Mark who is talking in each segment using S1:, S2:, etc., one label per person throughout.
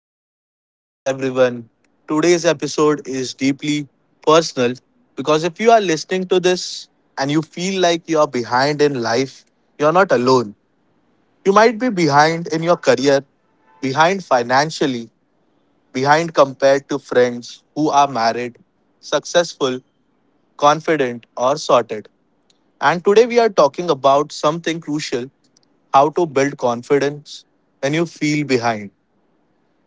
S1: to the podcast, everyone. Today's episode is deeply personal because if you are listening to this and you feel like you are behind in life, you're not alone. You might be behind in your career, behind financially, behind compared to friends who are married, successful, confident, or sorted. And today we are talking about something crucial: how to build confidence when you feel behind.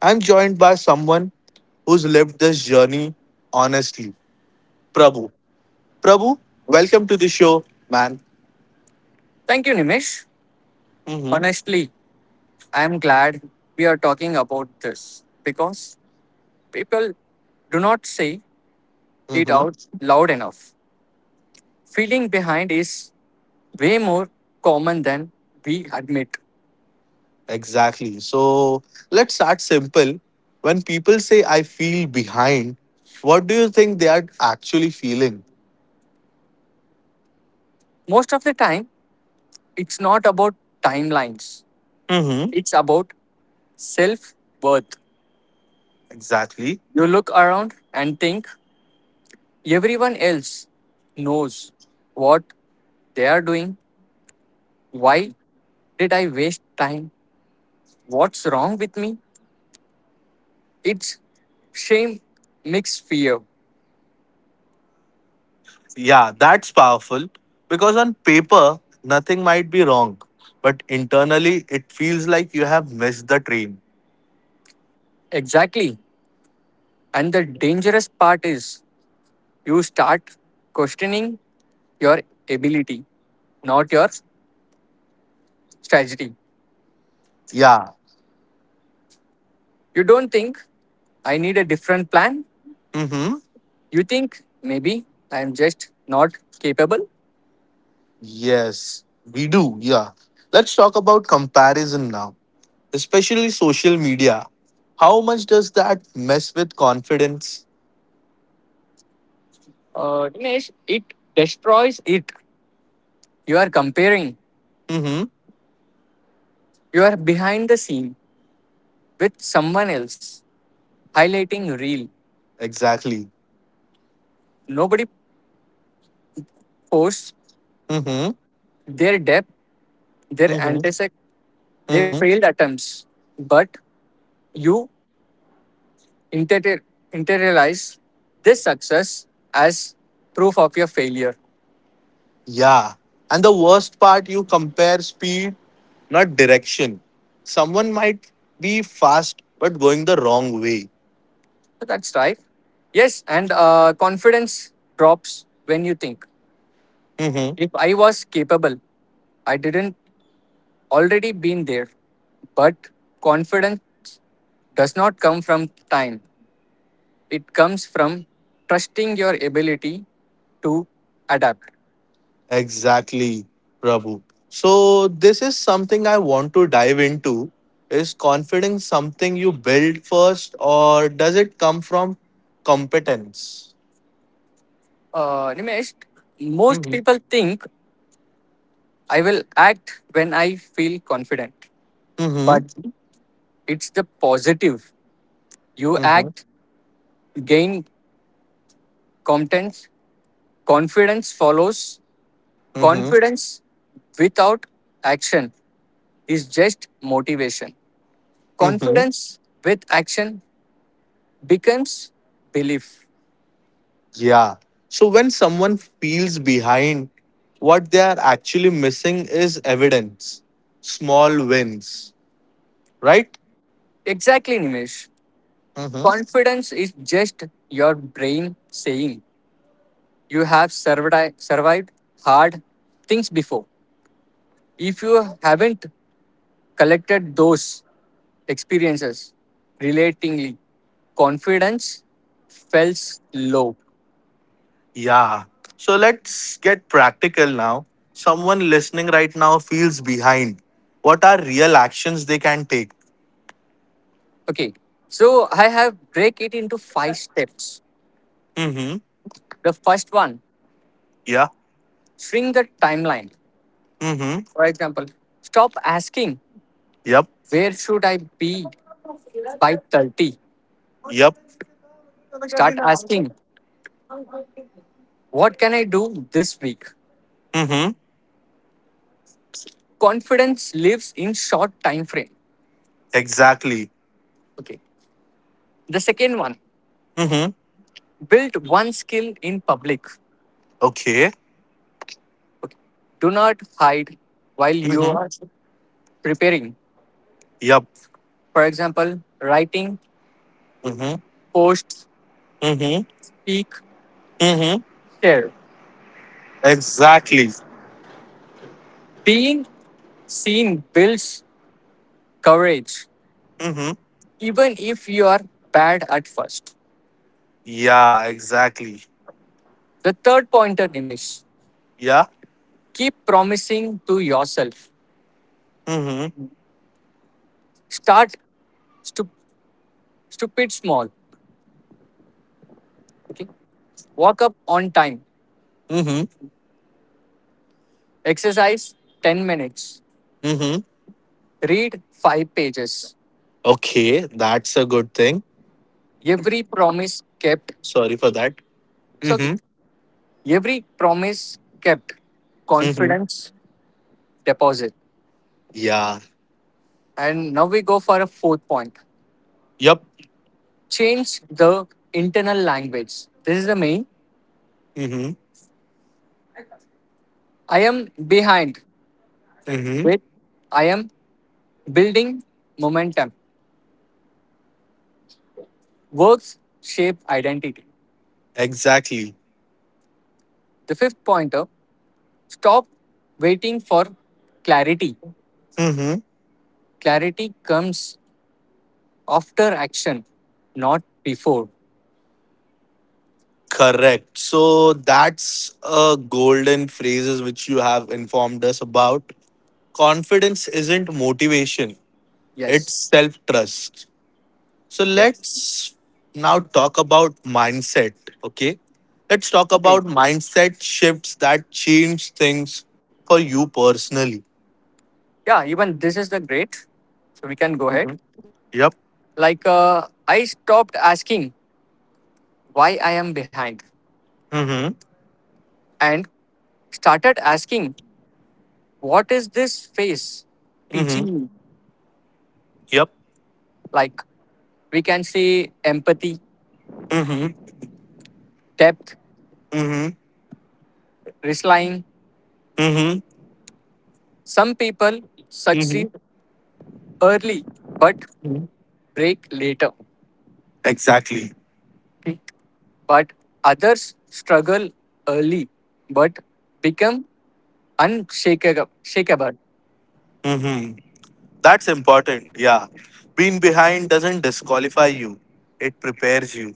S1: I'm joined by someone who's lived this journey honestly, Prabhu. Prabhu, welcome to the show, man.
S2: Thank you, Nimish.
S1: Hmm.
S2: Honestly, I'm glad we are talking about this because people do not say it
S1: Hmm.
S2: out loud enough. Feeling behind is way more common than we admit.
S1: Exactly. So let's start simple. When people say, I feel behind, what do you think they are actually feeling?
S2: Most of the time, it's not about timelines,
S1: Hmm.
S2: it's about self worth.
S1: Exactly.
S2: You look around and think everyone else knows what they are doing. Why did I waste time? What's wrong with me? It's shame mixed fear.
S1: Yeah, that's powerful because on paper, nothing might be wrong, but internally, it feels like you have missed the train.
S2: Exactly. And the dangerous part is you start questioning your ability, not your strategy.
S1: Yeah.
S2: You don't think I need a different plan.
S1: Hmm.
S2: You think maybe I'm just not capable.
S1: Yes, we do. Yeah. Let's talk about comparison now, especially social media. How much does that mess with confidence?
S2: Dinesh, it destroys it. You are comparing.
S1: Mm-hmm.
S2: You are behind the scene with someone else, highlighting real.
S1: Exactly.
S2: Nobody posts
S1: Mm-hmm.
S2: their depth, their
S1: Mm-hmm.
S2: antics, they
S1: Mm-hmm.
S2: failed attempts, but you inter- internalize this success as proof of your failure.
S1: Yeah. And the worst part, you compare speed, not direction. Someone might be fast but going the wrong way.
S2: So that's right. Yes, and confidence drops when you think,
S1: Mm-hmm.
S2: if I was capable, I didn't already been there. But confidence does not come from time. It comes from trusting your ability to adapt.
S1: Exactly, Prabhu. So this is something I want to dive into. Is confidence something you build first, or does it come from competence?
S2: Nimesh, most
S1: Mm-hmm.
S2: people think I will act when I feel confident.
S1: Mm-hmm.
S2: But it's the positive. You
S1: Mm-hmm.
S2: act, gain competence, confidence follows.
S1: Mm-hmm.
S2: Confidence without action is just motivation.
S1: Mm-hmm.
S2: Confidence with action becomes belief.
S1: Yeah. So when someone feels behind, what they are actually missing is evidence, small wins, right?
S2: Exactly, Nimesh. Confidence is just your brain saying you have survived hard things before. If you haven't collected those, experiences relatingly confidence felt low.
S1: Yeah. So let's get practical now. Someone listening right now feels behind. What are real actions they can take?
S2: Okay, so I have break it into five steps.
S1: Mm-hmm.
S2: The first one,
S1: Yeah.
S2: shrink the timeline.
S1: Mm-hmm.
S2: For example, stop asking
S1: Yep.
S2: where should I be by 30,
S1: Yep.
S2: start asking what can I do this week.
S1: Mm-hmm.
S2: Confidence lives in short time frame.
S1: Exactly.
S2: Okay, the second one,
S1: Mm-hmm.
S2: build one skill in public.
S1: Okay.
S2: Okay, do not hide while you
S1: Mm-hmm.
S2: are preparing.
S1: Yep.
S2: For example, writing,
S1: Mm-hmm.
S2: posts,
S1: Mm-hmm.
S2: speak,
S1: Mm-hmm.
S2: share.
S1: Exactly.
S2: Being seen builds courage,
S1: Mm-hmm.
S2: even if you are bad at first.
S1: Yeah, exactly.
S2: The third pointer, Dinesh,
S1: Yeah.
S2: keep promising to yourself.
S1: Mm-hmm.
S2: Start stu- stupid small. Okay. Walk up on time.
S1: Mm-hmm.
S2: Exercise 10 minutes.
S1: Mm-hmm.
S2: Read 5 pages.
S1: Okay, that's a good thing.
S2: Every promise kept.
S1: Sorry for that.
S2: So okay.
S1: Mm-hmm.
S2: Every promise kept.
S1: Mm-hmm.
S2: Confidence deposit.
S1: Yeah.
S2: And now we go for a fourth point,
S1: Yep.
S2: change the internal language. This is the main. I am behind
S1: Mm-hmm.
S2: with I am building momentum. Works shape identity.
S1: Exactly.
S2: The fifth pointer, stop waiting for clarity.
S1: Mm-hmm.
S2: Clarity comes after action, not before.
S1: Correct. So that's a golden phrases which you have informed us about. Confidence isn't motivation, it's
S2: Yes.
S1: self trust. So
S2: Yes.
S1: let's now talk about mindset. Okay. Let's talk
S2: Okay.
S1: about mindset shifts that change things for you personally.
S2: Yeah, even this is the great. So we can go ahead.
S1: Mm-hmm. Yep.
S2: Like, I stopped asking why I am behind
S1: Mm-hmm.
S2: and started asking, what is this phase
S1: Mm-hmm.
S2: teaching me?
S1: Yep.
S2: Like we can say empathy,
S1: Mm-hmm.
S2: depth,
S1: Mm-hmm.
S2: relying.
S1: Mm-hmm.
S2: Some people succeed early but
S1: Mm-hmm.
S2: break later.
S1: Exactly.
S2: Okay? But others struggle early but become unshakable. Shakeable.
S1: Mm-hmm. That's important. Yeah. Being behind doesn't disqualify you, it prepares you.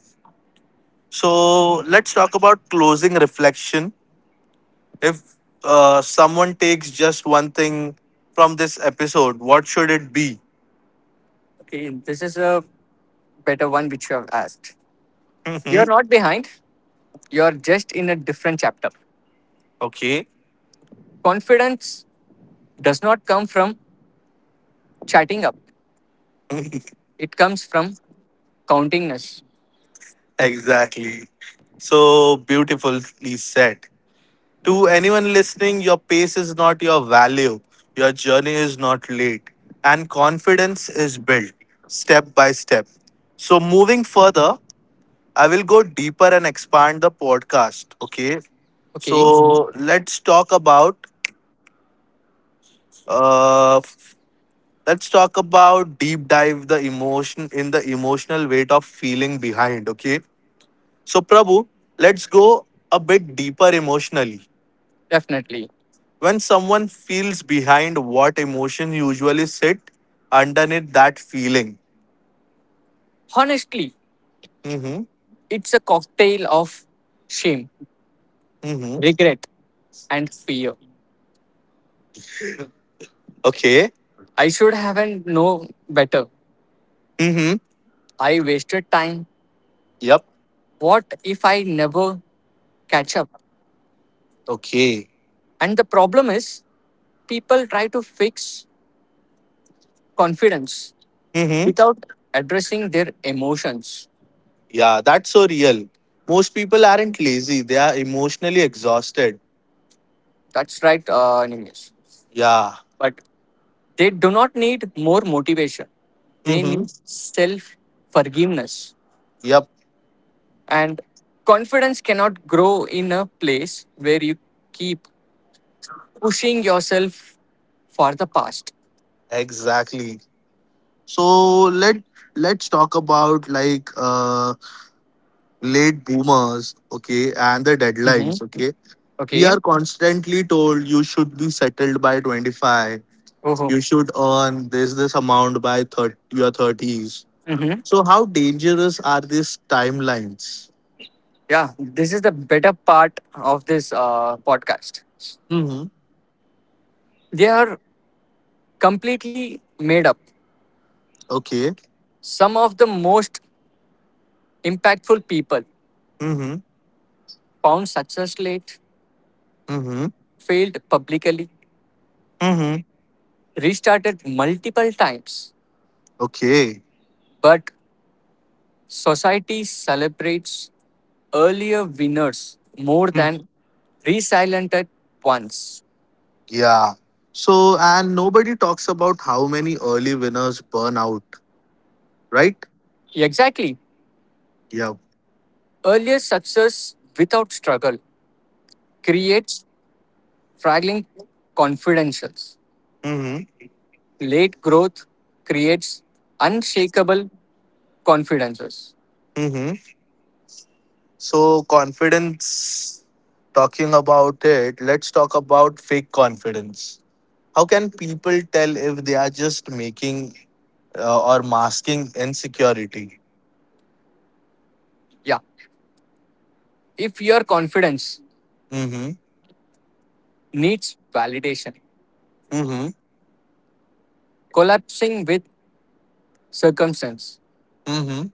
S1: So let's talk about closing reflection. If someone takes just one thing from this episode, what should it be?
S2: Okay, this is a better one which you have asked. You are
S1: Mhm.
S2: not behind, you are just in a different chapter.
S1: Okay.
S2: Confidence does not come from chatting up, it comes from countingness.
S1: Exactly. So beautifully said. To anyone listening, your pace is not your value, your journey is not late, and confidence is built step by step. So, moving further, I will go deeper and expand the podcast. Okay.
S2: Okay,
S1: So uh f- let's talk about deep dive the emotion in the emotional weight of feeling behind. Okay. So Prabhu, let's go a bit deeper emotionally.
S2: definitely.
S1: When someone feels behind, what emotion usually sit underneath that feeling?
S2: Honestly,
S1: Mm-hmm.
S2: it's a cocktail of shame,
S1: Mm-hmm.
S2: regret, and fear.
S1: Okay.
S2: I should haven't known better.
S1: Mm-hmm.
S2: I wasted time.
S1: Yep.
S2: What if I never catch up?
S1: Okay.
S2: And the problem is, people try to fix confidence without addressing their emotions.
S1: Yeah, that's so real. Most people aren't lazy, they are emotionally exhausted.
S2: That's right, Nimesh.
S1: Yeah.
S2: But they do not need more motivation. They
S1: Mm-hmm.
S2: need self forgiveness.
S1: Yep,
S2: And confidence cannot grow in a place where you keep pushing yourself for the past.
S1: exactly. So let's talk about like late boomers, okay, and the
S2: Mm-hmm.
S1: deadlines, okay? We are
S2: Okay.
S1: constantly told you should be settled by 25.
S2: Oh.
S1: You should earn this amount by 30, your 30s.
S2: Mm-hmm.
S1: So how dangerous are these timelines?
S2: Yeah. This is the better part of this podcast.
S1: Mm-hmm.
S2: They are completely made up.
S1: Okay.
S2: Some of the most impactful people
S1: Mm-hmm.
S2: found success late,
S1: Mm-hmm.
S2: failed publicly,
S1: Mm-hmm.
S2: restarted multiple times,
S1: Okay.
S2: but society celebrates earlier winners more than
S1: Mm.
S2: resilented ones.
S1: Yeah. So, and nobody talks about how many early winners burn out, right?
S2: Exactly.
S1: Yeah.
S2: Earlier success without struggle creates fragile confidences.
S1: Mm-hmm.
S2: Late growth creates unshakable confidences.
S1: Mm-hmm. So, confidence, talking about it, let's talk about fake confidence. How can people tell if they are just making or masking insecurity?
S2: Yeah. If your confidence
S1: Mm-hmm.
S2: needs validation,
S1: Mm-hmm.
S2: collapsing with circumstance
S1: Mm-hmm.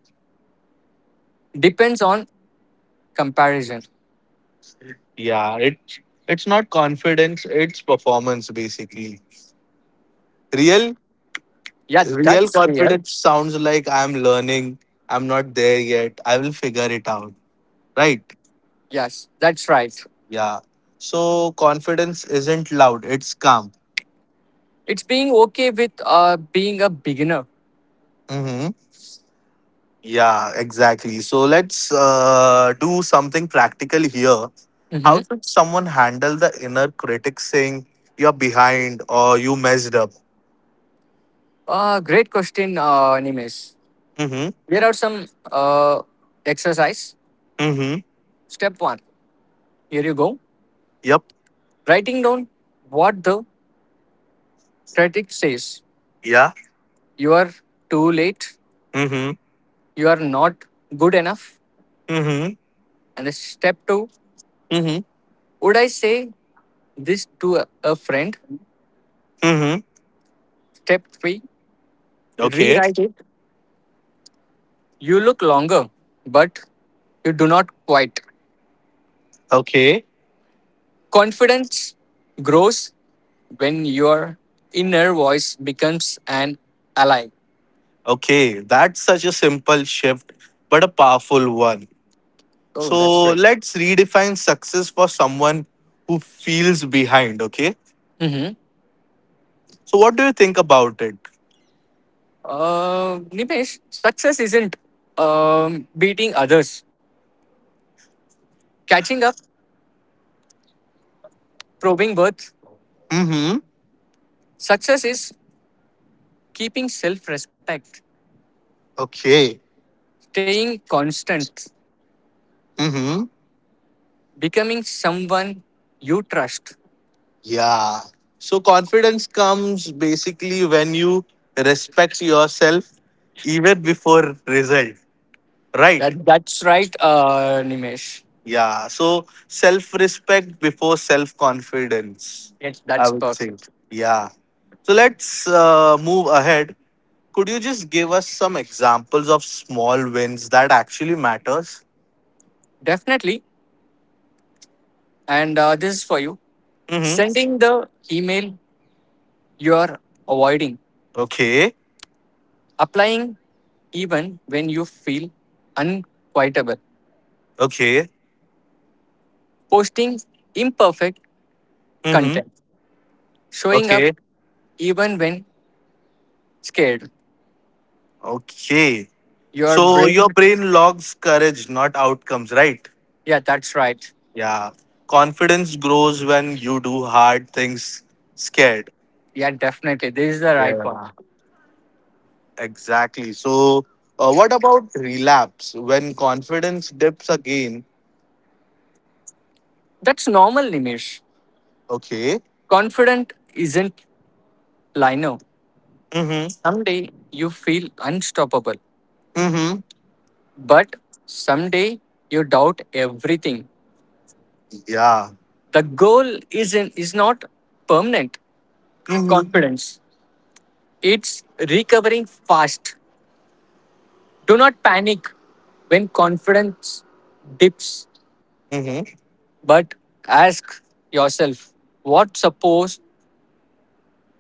S2: depends on comparison.
S1: Yeah. It's not confidence, it's performance, basically. Real
S2: Yeah,
S1: Real
S2: that's real.
S1: confidence sounds like I'm learning, I'm not there yet, I will figure it out. Right?
S2: Yes, that's right.
S1: Yeah. So confidence isn't loud, it's calm.
S2: It's being okay with being a beginner.
S1: Hmm. Yeah, exactly. So let's do something practical here.
S2: Mm-hmm.
S1: How should someone handle the inner critic saying you're behind or you messed up?
S2: Great question, Nimesh.
S1: Mm-hmm.
S2: Here are some exercise.
S1: Mm-hmm.
S2: Step one. Here you go.
S1: Yep.
S2: Writing down what the critic says.
S1: Yeah.
S2: You are too late.
S1: Mm-hmm.
S2: You are not good enough.
S1: Mm-hmm.
S2: And the step two.
S1: Mm-hmm.
S2: Would I say this to a friend?
S1: Mm-hmm.
S2: Step three.
S1: Okay.
S2: Rewrite it. You look longer, but you do not quite.
S1: Okay.
S2: Confidence grows when your inner voice becomes an ally.
S1: Okay, that's such a simple shift, but a powerful one.
S2: Oh, that's
S1: So
S2: great.
S1: let's redefine success for someone who feels behind, okay?
S2: Mm-hmm.
S1: So what do you think about it?
S2: Nimesh, success isn't beating others, catching up, probing worth.
S1: Mm-hmm.
S2: Success is keeping self respect,
S1: Okay.
S2: staying constant,
S1: Mm-hmm.
S2: becoming someone you trust.
S1: Yeah. So confidence comes basically when you respect yourself even before result, right?
S2: That's right, Nimesh.
S1: Yeah. So self respect before self confidence,
S2: Yes,
S1: I
S2: that's
S1: would say.
S2: perfect.
S1: Yeah. So let's move ahead. Could you just give us some examples of small wins that actually matters?
S2: Definitely. And this is for you.
S1: Mm-hmm.
S2: Sending the email you are avoiding,
S1: Okay.
S2: applying even when you feel unquietable,
S1: Okay.
S2: posting imperfect
S1: Mm-hmm.
S2: content, showing up
S1: Okay.
S2: even when scared.
S1: Okay.
S2: Your
S1: So your
S2: brain,
S1: brain logs courage, not outcomes, right?
S2: yeah, that's right.
S1: Yeah. Confidence grows when you do hard things scared.
S2: Yeah, definitely. This is the right one.
S1: Yeah. Exactly. So, what about relapse when confidence dips again?
S2: That's normal, Nimish.
S1: Okay.
S2: Confident isn't lino.
S1: Mm-hmm.
S2: Someday you feel unstoppable,
S1: Mm-hmm.
S2: but someday you doubt everything.
S1: Yeah.
S2: The goal isn't is not permanent
S1: Mm-hmm.
S2: confidence. It's recovering fast. Do not panic when confidence dips,
S1: Mm-hmm.
S2: but ask yourself what suppose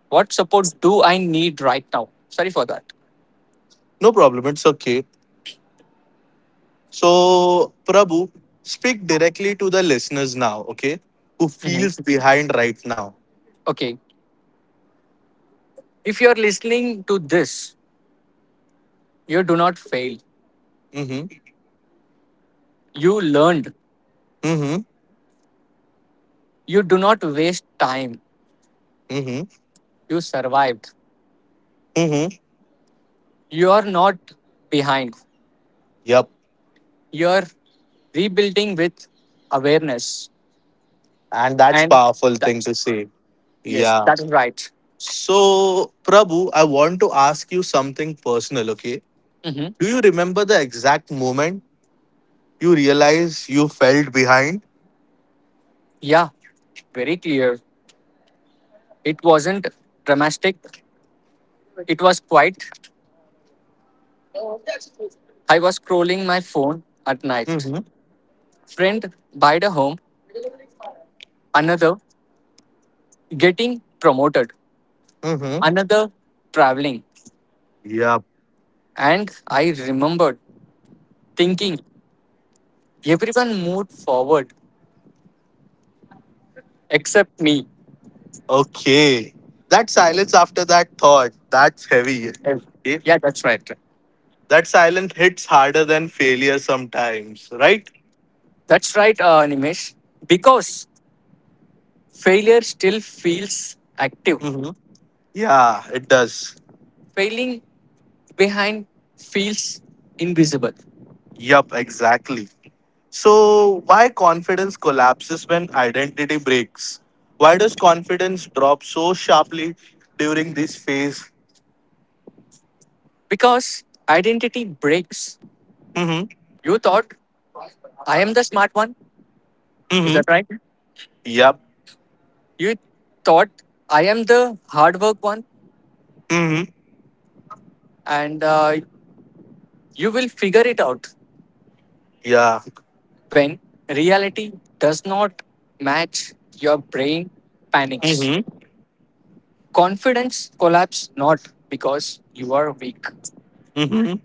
S2: what support do I need right now? Sorry for that.
S1: No problem. It's okay. So, Prabhu, speak directly to the listeners now. Okay, who
S2: Mhm.
S1: feels behind right now?
S2: Okay. If you're listening to this, you do not fail.
S1: Mm-hmm.
S2: You learned.
S1: Mm-hmm.
S2: You do not waste time.
S1: Mm-hmm.
S2: You survived.
S1: Mm-hmm.
S2: You are not behind.
S1: Yep.
S2: You're rebuilding with awareness.
S1: And that's
S2: And
S1: powerful thing
S2: that's
S1: to say.
S2: yes,
S1: Yeah.
S2: that is right.
S1: So, Prabhu, I want to ask you something personal, okay?
S2: Mhm.
S1: Do you remember the exact moment you realized you felt behind?
S2: Yeah, very clear. It wasn't dramatic, it was quiet. I was scrolling my phone at night.
S1: Mm-hmm.
S2: Friend buyed a home, another getting promoted,
S1: Mm-hmm.
S2: another traveling.
S1: Yep.
S2: And I remembered thinking everyone moved forward except me.
S1: Okay. That silence after that thought, that's heavy. Okay.
S2: Yeah, that's right.
S1: That silence hits harder than failure sometimes, right?
S2: That's right, Nimesh. Because failure still feels active,
S1: Mm-hmm. Yeah, it does.
S2: failing behind feels invisible.
S1: Yup, exactly. So, why confidence collapses when identity breaks? Why does confidence drop so sharply during this phase?
S2: Because identity breaks.
S1: Mm-hmm.
S2: You thought I am the smart one. Is
S1: Mm-hmm.
S2: that right?
S1: Yep.
S2: You thought I am the hard work one, and you will figure it out.
S1: Yeah.
S2: When reality does not match, your brain panics.
S1: Mm-hmm.
S2: Confidence collapse not because you are weak,
S1: Mm-hmm.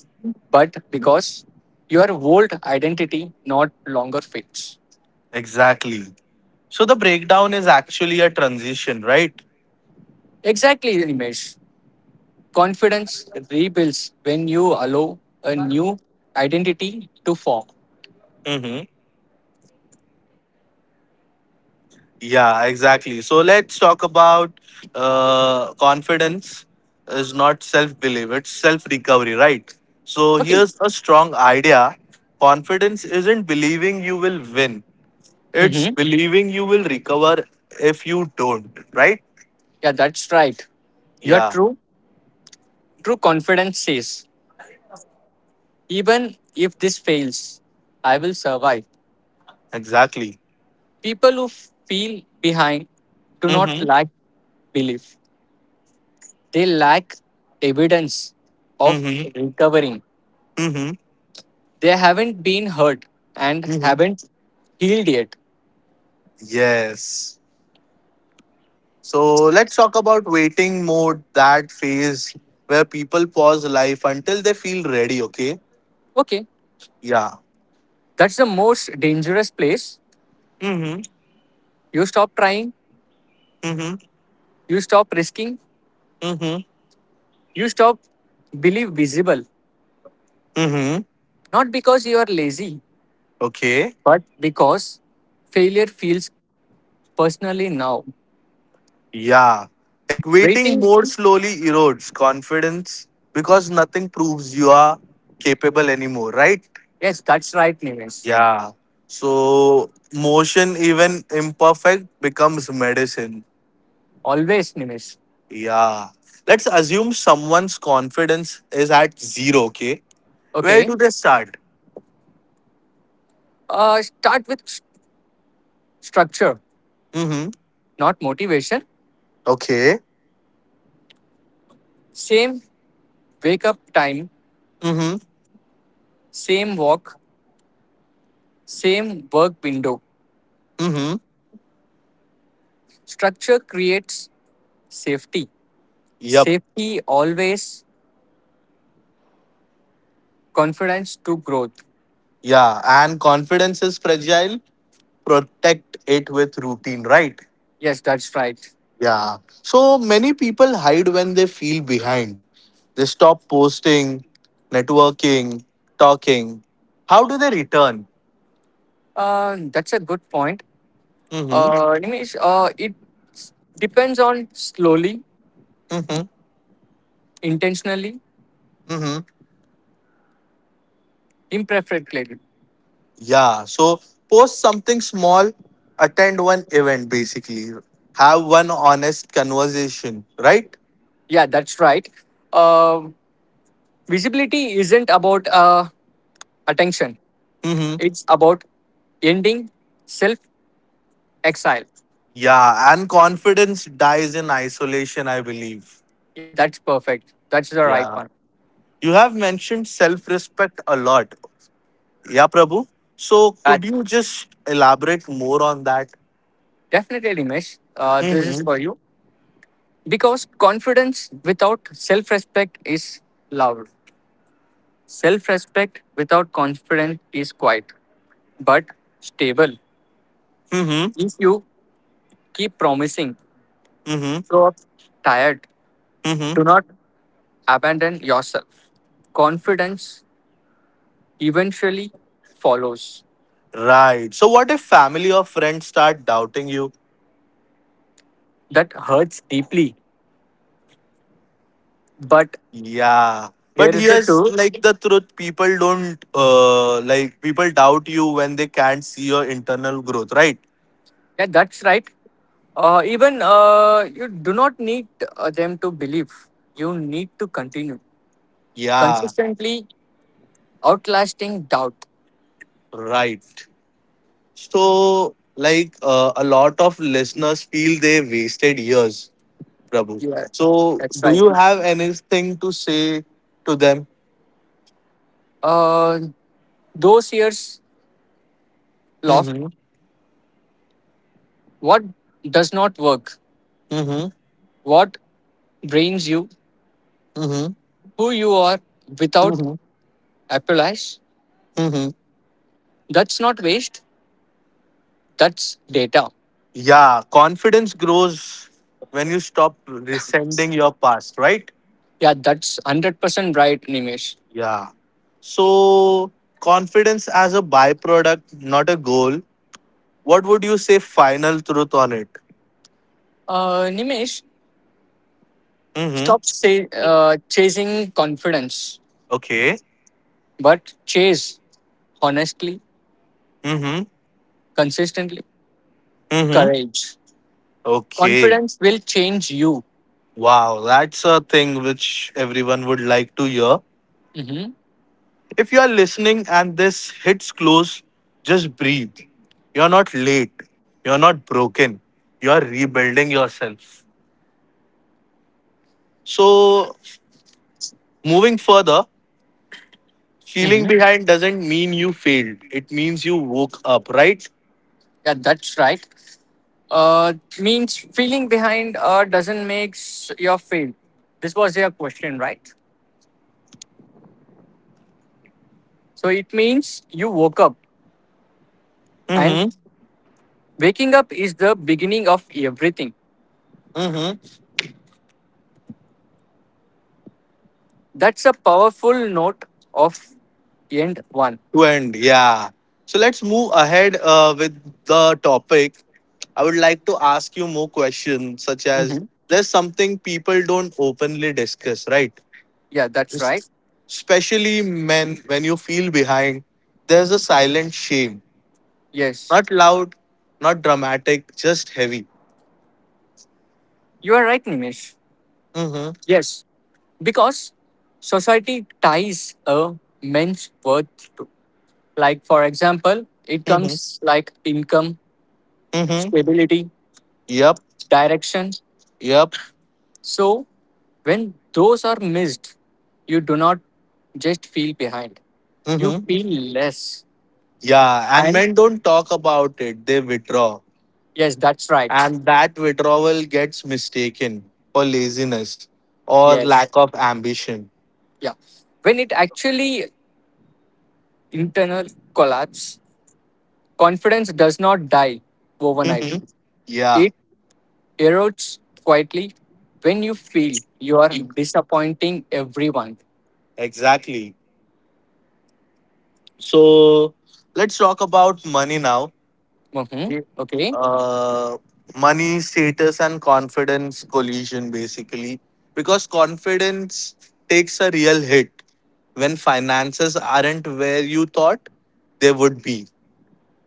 S2: but because your old identity not longer fits.
S1: Exactly. So the breakdown is actually a transition, right?
S2: Exactly, Nimesh. Confidence rebuilds when you allow a new identity to form.
S1: Mm-hmm. Yeah, exactly. So let's talk about confidence is not self belief, it's self recovery, right? So
S2: Okay.
S1: here's a strong idea: confidence isn't believing you will win, it's
S2: Hmm.
S1: believing you will recover if you don't, right?
S2: Yeah, that's right. You're
S1: Yeah,
S2: true. True confidence says, even if this fails, I will survive.
S1: exactly.
S2: People who feel behind do not
S1: Mm-hmm.
S2: lack belief, they lack evidence of
S1: Mm-hmm.
S2: recovering.
S1: Mm-hmm.
S2: They haven't been hurt and
S1: Mm-hmm.
S2: haven't healed yet.
S1: Yes. So let's talk about waiting mode, that phase where people pause life until they feel ready, okay?
S2: Okay.
S1: Yeah.
S2: That's the most dangerous place.
S1: Mm-hmm.
S2: You stop trying.
S1: Mm-hmm.
S2: You stop risking,
S1: Mm-hmm.
S2: you stop believe visible,
S1: Mm-hmm.
S2: not because you are lazy,
S1: Okay.
S2: but because failure feels personally now.
S1: Yeah. Like waiting
S2: Waiting,
S1: mode slowly erodes confidence because nothing proves you are capable anymore, right?
S2: yes, that's right, Nimesh.
S1: Yeah. So motion, even imperfect, becomes medicine.
S2: Always, Nimesh.
S1: Yeah. Let's assume someone's confidence is at zero, okay? Where do
S2: Okay,
S1: they start?
S2: start with structure,
S1: Mm-hmm.
S2: not motivation.
S1: Okay.
S2: Same wake up time,
S1: Mm-hmm.
S2: same walk, same work window.
S1: Mm-hmm.
S2: Structure creates safety.
S1: Yep.
S2: Safety always confidence to growth.
S1: Yeah. And confidence is fragile. Protect it with routine, right?
S2: Yes, that's right.
S1: Yeah. So many people hide when they feel behind. They stop posting, networking, talking. How do they return?
S2: That's a good point.
S1: Mm-hmm.
S2: Nimesh, it depends on slowly,
S1: Mm-hmm.
S2: intentionally,
S1: Mm-hmm.
S2: imperfectly.
S1: Yeah. So post something small, attend one event basically. Have one honest conversation, right?
S2: Yeah, that's right. Uh, visibility isn't about attention, it's about ending self exile.
S1: Yeah, and confidence dies in isolation, I believe.
S2: Yeah, that's perfect. That's the right
S1: Yeah.
S2: one.
S1: You have mentioned self respect a lot. Yeah, Prabhu. So
S2: Uh,
S1: could you just elaborate more on that?
S2: definitely, Nimesh, this is
S1: Mm-hmm.
S2: for you. Because confidence without self respect is loud, self respect without confidence is quiet, but stable
S1: Mm-hmm.
S2: if you keep promising.
S1: Mm-hmm.
S2: Show up tired.
S1: Mm-hmm.
S2: Do not abandon yourself. Confidence eventually follows.
S1: Right. So what if family or friends start doubting you?
S2: That hurts deeply. But
S1: Yeah. But
S2: here is the
S1: here's
S2: truth.
S1: like the truth. People don't like people doubt you when they can't see your internal growth, right?
S2: Yeah, that's right. Even you do not need them to believe. You need to continue
S1: Yeah.
S2: consistently, outlasting doubt.
S1: Right. So, like a lot of listeners feel they wasted years, Prabhu.
S2: Yeah,
S1: So,
S2: that's
S1: do
S2: right.
S1: you have anything to say to them?
S2: Uh, those years lost.
S1: Mm-hmm.
S2: What does not work?
S1: Mm-hmm.
S2: What drains you?
S1: Mm-hmm.
S2: Who you are without
S1: Mm-hmm.
S2: apologize.
S1: Mm-hmm.
S2: That's not waste. That's data.
S1: Yeah, confidence grows when you stop resenting your past, right?
S2: Yeah, that's 100% right, Nimesh.
S1: Yeah. So, confidence as a byproduct, not a goal. What would you say final truth on it?
S2: Nimesh, stop
S1: Mm-hmm.
S2: say, uh, chasing confidence,
S1: Okay.
S2: but chase honestly,
S1: Mm-hmm.
S2: consistently,
S1: Mm-hmm.
S2: courage.
S1: Okay.
S2: Confidence will change you.
S1: Wow, that's a thing which everyone would like to hear.
S2: Mm-hmm.
S1: If you are listening and this hits close, just breathe. You're not late. You're not broken. You're rebuilding yourself. So, moving further, feeling
S2: Mm-hmm.
S1: behind doesn't mean you failed. It means you woke up, right?
S2: Yeah, that's right. Uh, means feeling behind doesn't make your fail. This was your question, right? So it means you woke up, and
S1: Mm hmm.
S2: waking up is the beginning of everything.
S1: Mm hmm.
S2: That's a powerful note of end one.
S1: To end. Yeah. So let's move ahead with the topic. I would like to ask you more questions, such as
S2: Mhm.
S1: there's something people don't openly discuss, right?
S2: Yeah, that's right.
S1: Es- Especially men, when you feel behind, there's a silent shame.
S2: Yes.
S1: Not loud, not dramatic, just heavy.
S2: You are right, Nimesh.
S1: Mm-hmm.
S2: Yes. Because society ties a man's worth to, like, for example, it
S1: Mm-hmm.
S2: comes like income,
S1: Mm-hmm.
S2: stability,
S1: Yep.
S2: direction.
S1: Yep.
S2: So, when those are missed, you do not just feel behind, you
S1: Mm-hmm.
S2: feel less.
S1: Yeah. And
S2: And
S1: men don't talk about it, they withdraw.
S2: yes, that's right.
S1: And that withdrawal gets mistaken for laziness or lack
S2: Yes.
S1: of ambition.
S2: Yeah. When it actually internal collapse, confidence does not die overnight.
S1: Mhm. Yeah,
S2: It erodes quietly when you feel you are disappointing everyone.
S1: exactly. So let's talk about money now.
S2: Mhm. Okay.
S1: Uh, money, status, and confidence collision basically. Because confidence takes a real hit when finances aren't where you thought they would be.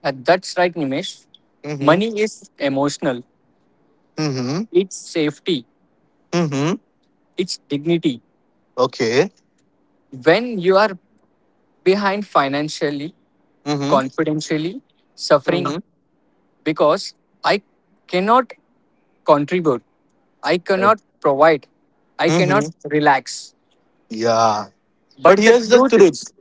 S2: That's right, Nimesh.
S1: Mm-hmm.
S2: Money is emotional.
S1: Mm-hmm.
S2: It's safety.
S1: Mm-hmm.
S2: It's dignity.
S1: Okay.
S2: When you are behind financially, confidentially, suffering
S1: Mm-hmm.
S2: because I cannot contribute, I cannot provide. I cannot
S1: Mm-hmm.
S2: relax.
S1: Yeah. But
S2: But the
S1: here's the
S2: truth
S1: truth.
S2: is,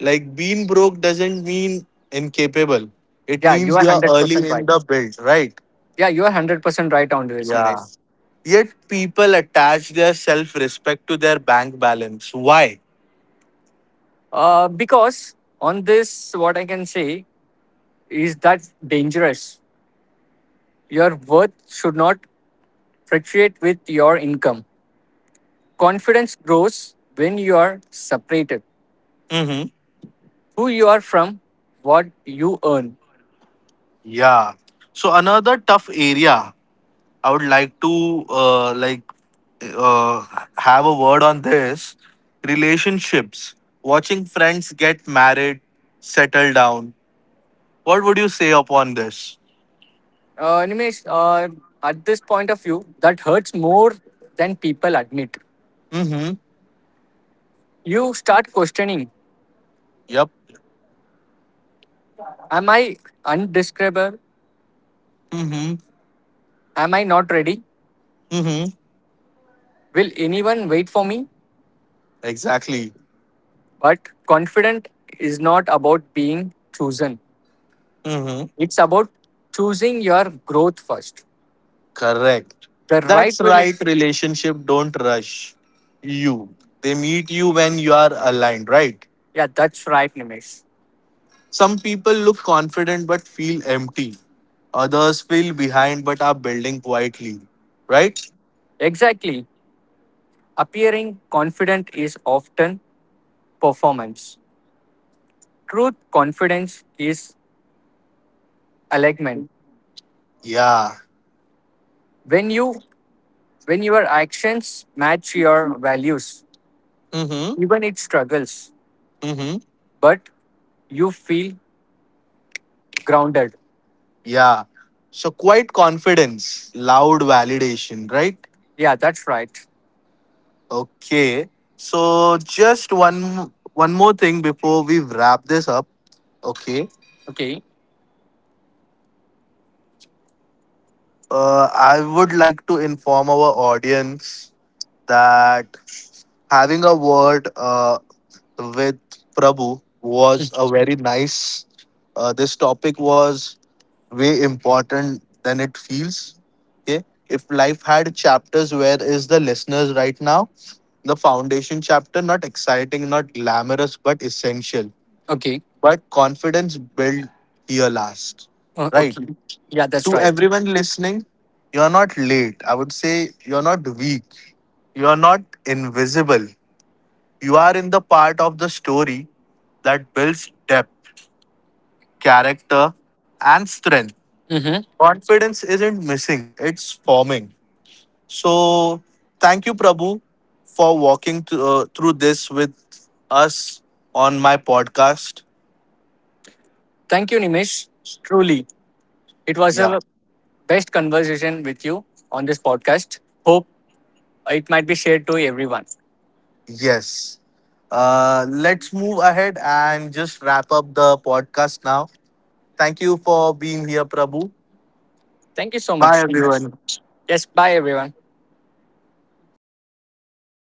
S1: Like being broke doesn't mean incapable. It
S2: yeah, you
S1: means
S2: are
S1: you are
S2: 100%
S1: early in
S2: right.
S1: the build, right?
S2: Yeah, you are 100% right on this,
S1: Yeah.
S2: Nimesh.
S1: Yet people attach their self-respect to their bank balance. Why?
S2: Because on this, what I can say is that dangerous. Your worth should not fluctuate with your income. Confidence grows when you are separated.
S1: Hmm.
S2: Who you are from, what you earn.
S1: Yeah. So another tough area I would like to like uh, have a word on this relationships. Watching friends get married, settle down. What would you say upon this?
S2: Nimesh, at this point of view, that hurts more than people admit.
S1: Hmm.
S2: You start questioning
S1: Yep.
S2: am I undescribable?
S1: Mm-hmm.
S2: Am I not ready?
S1: Mm-hmm.
S2: Will anyone wait for me?
S1: Exactly.
S2: But confident is not about being chosen.
S1: Mm-hmm.
S2: It's about choosing your growth first.
S1: Correct.
S2: The right
S1: That's right.
S2: relationship.
S1: Relationship don't rush you. They meet you when you are aligned, right?
S2: Yeah, that's right, Nimesh.
S1: Some people look confident but feel empty. Others feel behind but are building quietly, right?
S2: Exactly. Appearing confident is often performance. Truth confidence is alignment.
S1: Yeah.
S2: When you when your actions match your values,
S1: Mm-hmm.
S2: even it struggles,
S1: Mm-hmm.
S2: but you feel grounded.
S1: Yeah. So quiet confidence, loud validation, right?
S2: Yeah, that's right.
S1: Okay. So just one more thing before we wrap this up. Okay.
S2: Okay.
S1: I would like to inform our audience that having a word with Prabhu was a
S2: Mhm.
S1: very nice. This topic was way important than it feels. Okay. If life had chapters, where is the listeners right now? The foundation chapter, not exciting, not glamorous, but essential
S2: Okay.
S1: but confidence built here last. Right?
S2: Okay. Yeah, that's
S1: To
S2: right.
S1: everyone listening, you're not late. I would say you're not weak. You're not invisible. You are in the part of the story that builds depth, character, and strength.
S2: Hmm.
S1: Confidence isn't missing, it's forming. So, thank you, Prabhu, for walking through this with us on my podcast.
S2: Thank you, Nimish. Truly, it was
S1: Yeah.
S2: a best conversation with you on this podcast. Hope it might be shared to everyone.
S1: Yes. Let's move ahead and just wrap up the podcast now. Thank you for being here, Prabhu.
S2: Thank you so
S1: Bye,
S2: much, Nimish.
S1: everyone.
S2: Yes, bye, everyone.